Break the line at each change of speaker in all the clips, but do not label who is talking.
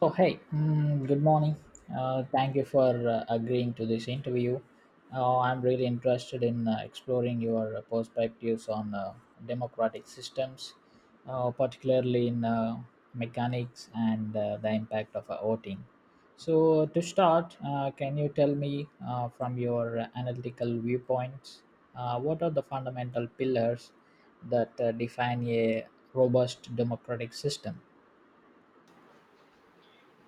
So, hey, good morning. Thank you for agreeing to this interview. I'm really interested in exploring your perspectives on democratic systems, particularly in mechanics and the impact of voting. So, to start, can you tell me from your analytical viewpoints, what are the fundamental pillars that define a robust democratic system?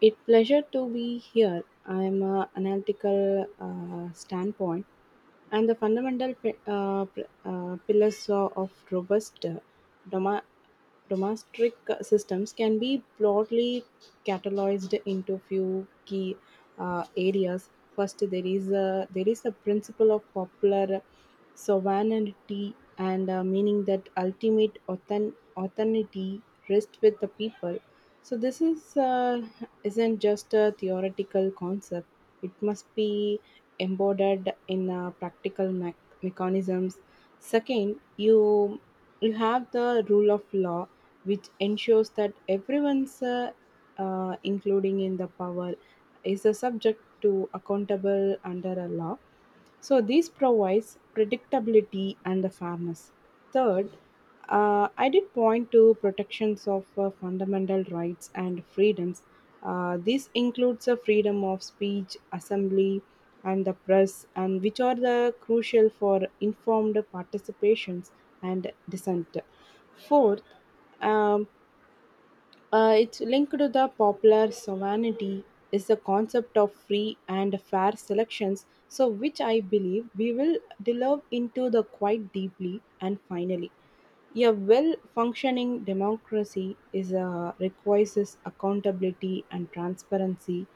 It pleasure to be here. I'm a analytical standpoint and the fundamental pillars of robust doma- domestic systems can be broadly cataloged into few key areas. First, there is a principle of popular sovereignty and meaning that ultimate authority rests with the people. So this is isn't just a theoretical concept, it must be embodied in practical mechanisms. Second, you have the rule of law, which ensures that everyone's, including in the power, is a subject to accountable under a law. So this provides predictability and the fairness. Third, I did point to protections of fundamental rights and freedoms. This includes the freedom of speech, assembly, and the press, and which are the crucial for informed participations and dissent. Fourth, um, it's linked to the popular sovereignty is the concept of free and fair selections, so which I believe we will delve into the quite deeply. And finally, a well-functioning democracy requires this accountability and transparency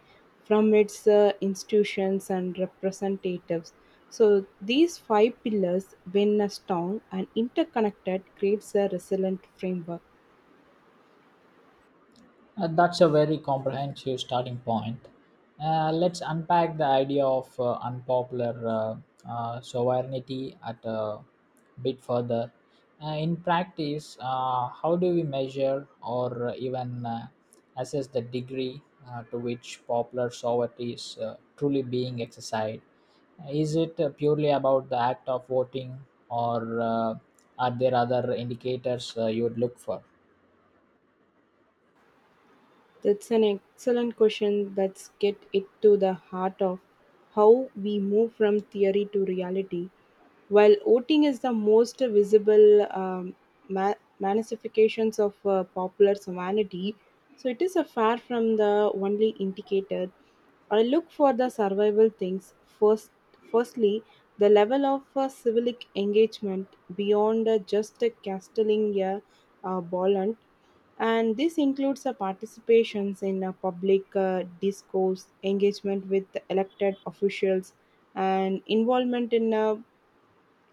from its institutions and representatives. So these five pillars, when strong and interconnected, creates a resilient framework.
That's a very comprehensive starting point. Let's unpack the idea of unpopular sovereignty at a bit further. In practice, how do we measure or even assess the degree to which popular sovereignty is truly being exercised? Is it purely about the act of voting, or are there other indicators you would look for?
That's an excellent question. That's get it to the heart of how we move from theory to reality. While voting is the most visible ma- manifestations of popular humanity, so it is a far from the only indicator. I look for the survival things first. Firstly, the level of civic engagement beyond just casting a ball, and this includes participations in public discourse, engagement with elected officials, and involvement in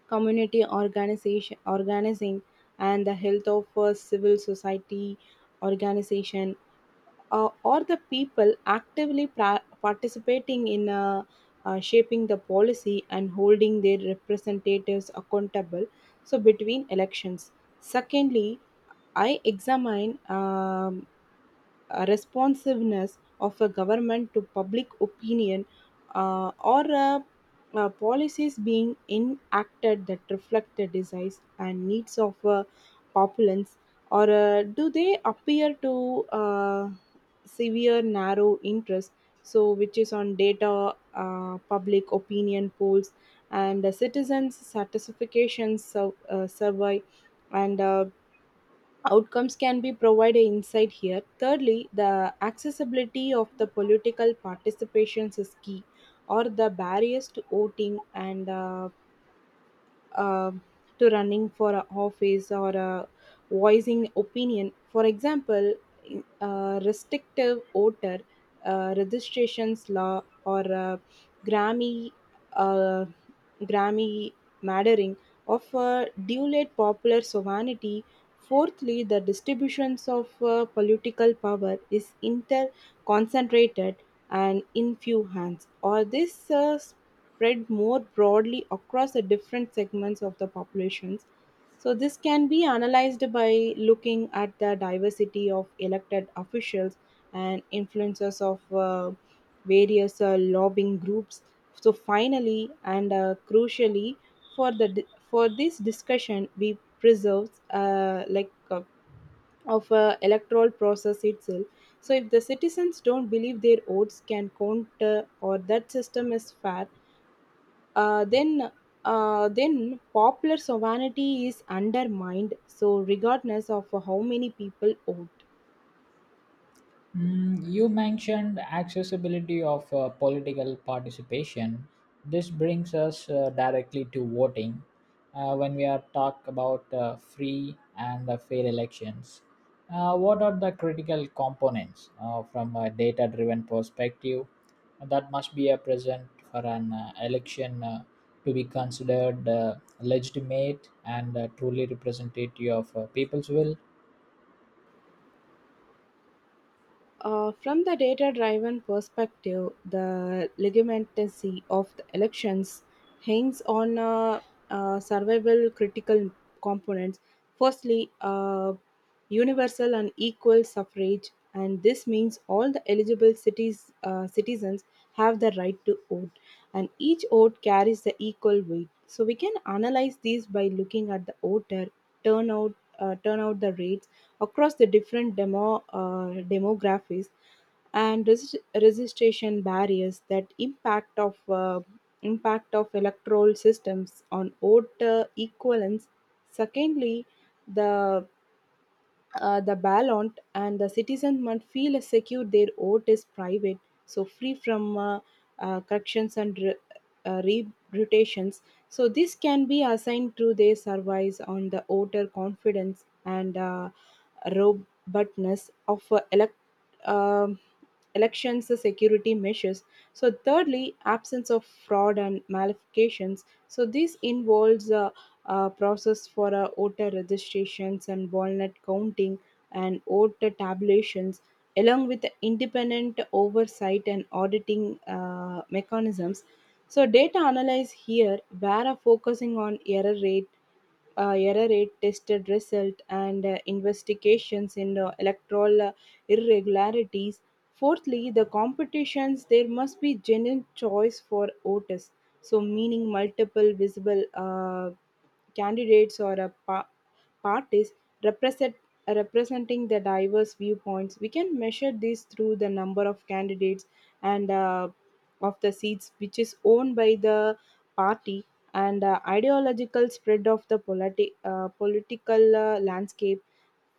community organization, organizing, and the health of civil society organization, or the people actively participating in shaping the policy and holding their representatives accountable. So between elections. Secondly, I examine responsiveness of a government to public opinion, or policies being enacted that reflect the desires and needs of populace, or do they appear to severe narrow interest? So, which is on data, public opinion polls, and citizens' satisfaction survey, and outcomes can be provided insight here. Thirdly, the accessibility of the political participations is key, or the barriers to voting and um to running for a office or a voicing opinion. For example, a restrictive voter registrations law or a Grammy uh, Grammy mattering of a dual popular sovereignty. Fourthly, the distributions of political power is interconcentrated and in few hands. Or this spread more broadly across the different segments of the populations. So this can be analyzed by looking at the diversity of elected officials and influencers of various lobbying groups. So finally, and crucially, for this discussion, we preserve of electoral process itself. So if the citizens don't believe their votes can count, or that system is fair, uh, then then popular sovereignty is undermined, so regardless of how many people vote.
You mentioned accessibility of political participation. This brings us directly to voting when we are talk about free and fair elections. What are the critical components from a data-driven perspective that must be a present for an election to be considered legitimate and truly representative of people's will?
From the data driven perspective, the legitimacy of the elections hangs on survival critical components. Firstly, universal and equal suffrage, and this means all the eligible citizens have the right to vote, and each vote carries the equal weight. So, we can analyze these by looking at the voter turnout, turnout the rates across the different demographics and registration barriers that impact of electoral systems on voter equivalence. Secondly, the the ballant and the citizen must feel secure their vote is private, so free from corrections and uh, reputations. So this can be assigned to their surveys on the voter confidence and robustness of um elections security measures. So thirdly, absence of fraud and malifications. So this involves process for voter registrations and walnut counting and voter tabulations, along with independent oversight and auditing mechanisms. So, data analyze here, where are focusing on error rate tested result, and investigations in electoral irregularities. Fourthly, the competitions, there must be genuine choice for voters, so meaning multiple visible candidates or a parties represent representing the diverse viewpoints. We can measure this through the number of candidates and of the seats which is owned by the party, and ideological spread of the political landscape.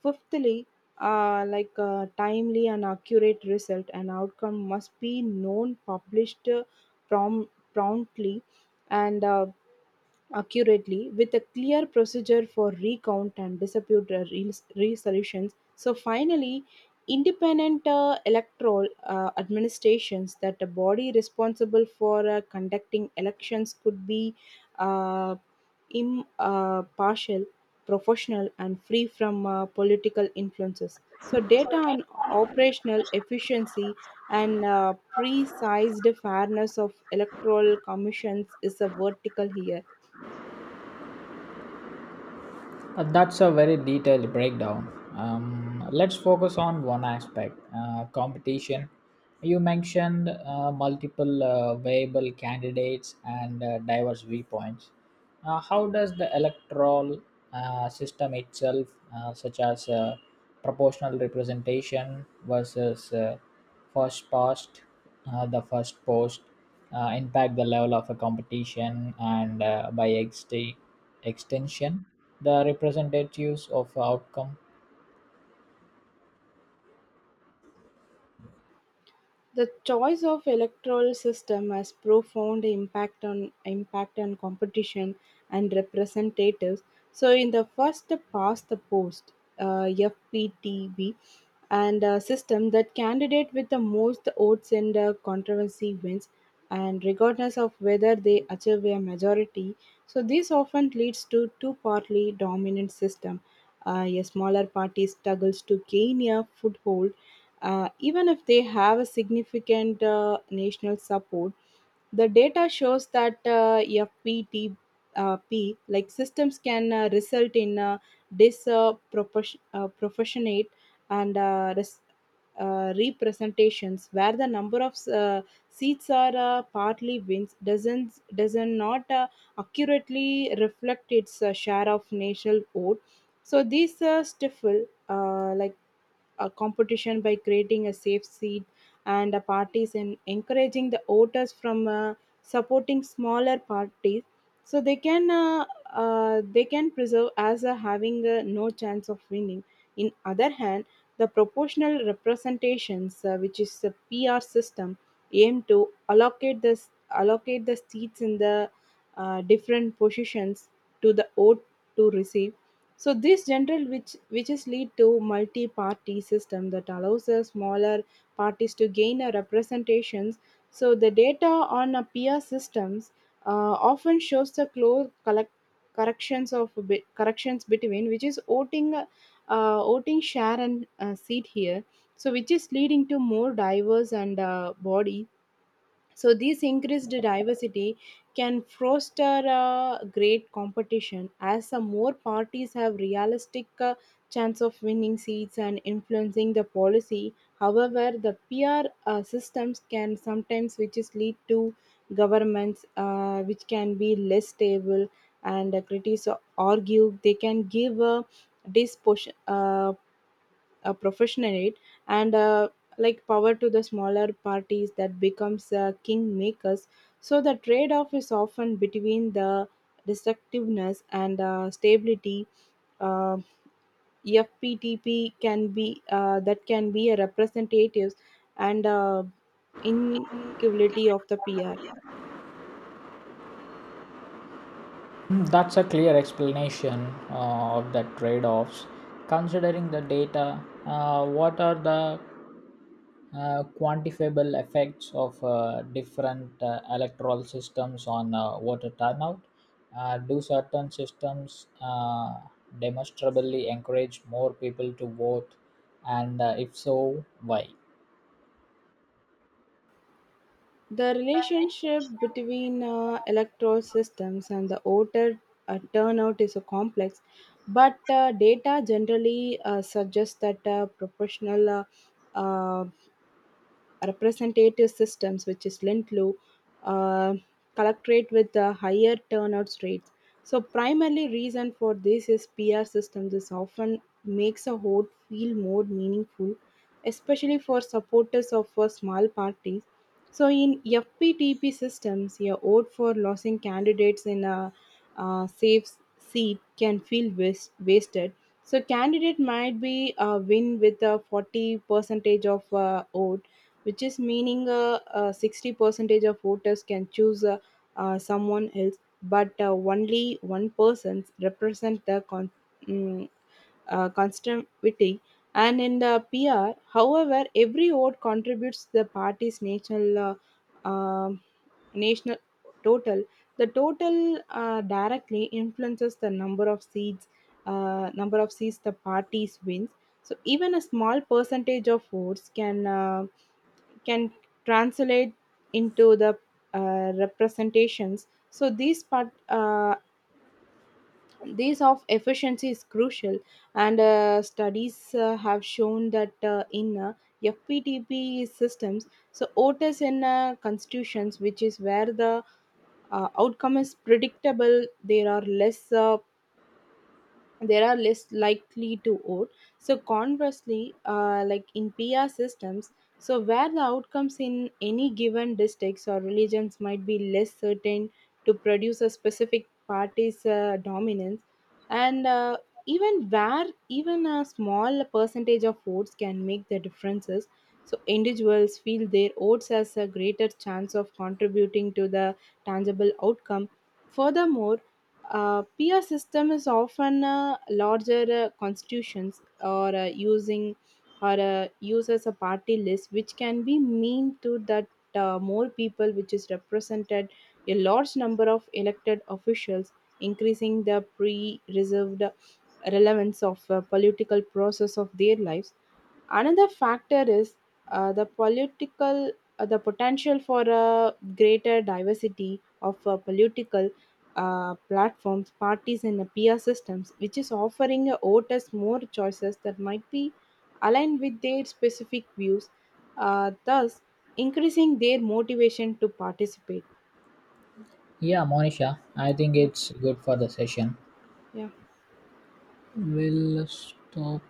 Fifthly, timely and accurate result and outcome must be known, published, prom- promptly and accurately with a clear procedure for recount and dispute resolutions. So finally, independent electoral administrations that a body responsible for conducting elections could be uh, impartial, partial, professional, and free from political influences. So data on operational efficiency and precise fairness of electoral commissions is a vertical here.
That's a very detailed breakdown. Let's focus on one aspect, competition. You mentioned multiple viable candidates and diverse viewpoints. How does the electoral system itself, such as proportional representation versus first past the first post impact the level of a competition and by extension the representatives of outcome?
The choice of electoral system has profound impact on competition and representatives. So in the first past the post, FPTB and system that candidate with the most votes in the controversy wins, and regardless of whether they achieve a majority, so this often leads to two partly dominant system. A smaller party struggles to gain a foothold, even if they have a significant national support. The data shows that FPTP P, like systems can result in disproportionate proportionate and representations where the number of seats are partly wins doesn't not accurately reflect its share of national vote. So these stifle a competition by creating a safe seat and parties and encouraging the voters from supporting smaller parties, so they can preserve as having no chance of winning. In other hand, the proportional representations, which is a pr system, aim to allocate the allocate the seats in the different positions to the vote to receive. So these general which whiches lead to multi-party system that allows the smaller parties to gain a representations. So the data on a peer systems often shows the close collect corrections corrections between which is voting share and seat here. So which is leading to more diverse and body. So this increased diversity can foster a great competition, as some more parties have realistic chance of winning seats and influencing the policy. However, the peer systems can sometimes which is lead to governments, which can be less stable, and critics argue they can give a disproportionate a profession in it, and power to the smaller parties that becomes kingmakers. So the trade-off is often between the destructiveness and stability. uh, FPTP can be that can be a representative, and inequality of the pr.
That's a clear explanation of the trade offs. Considering the data, what are the quantifiable effects of different electoral systems on voter turnout? Do certain systems demonstrably encourage more people to vote? And if so, why?
The relationship between electoral systems and the voter turnout is a complex, but data generally suggests that proportional uh, representative systems, which is Lindlow, uh, collectorate with the higher turnout rates. So primarily reason for this is PR systems. This often makes a vote feel more meaningful, especially for supporters of small parties. So in FPTP systems, a vote for losing candidates in a safe seat can feel wasted. So candidate might be win with a 40 percentage of vote, which is meaning 60 percentage of voters can choose someone else, but only one person represent the mm, constituency. And in the pr however every vote contributes to the party's national national total. The total directly influences the number of seats the parties wins. So even a small percentage of votes can translate into the representations. So these of efficiency is crucial, and studies have shown that in fptp systems so otis in constitutions which is where the outcome is predictable, there are less likely to vote. So conversely, in PR systems, so where the outcomes in any given districts or religions might be less certain to produce a specific party's dominance, and even where even a small percentage of votes can make the differences. So individuals feel their votes has a greater chance of contributing to the tangible outcome. Furthermore, peer system is often larger constitutions or using or used as a party list, which can be mean to that more people, which is represented a large number of elected officials, increasing the pre-reserved relevance of political process of their lives. Another factor is uh, the political the potential for a greater diversity of political platforms parties and peer systems which is offering voters more choices that might be aligned with their specific views, thus increasing their motivation to participate.
Yeah, Monisha, I think
Yeah.
it's good for the session.
Yeah.
We'll stop.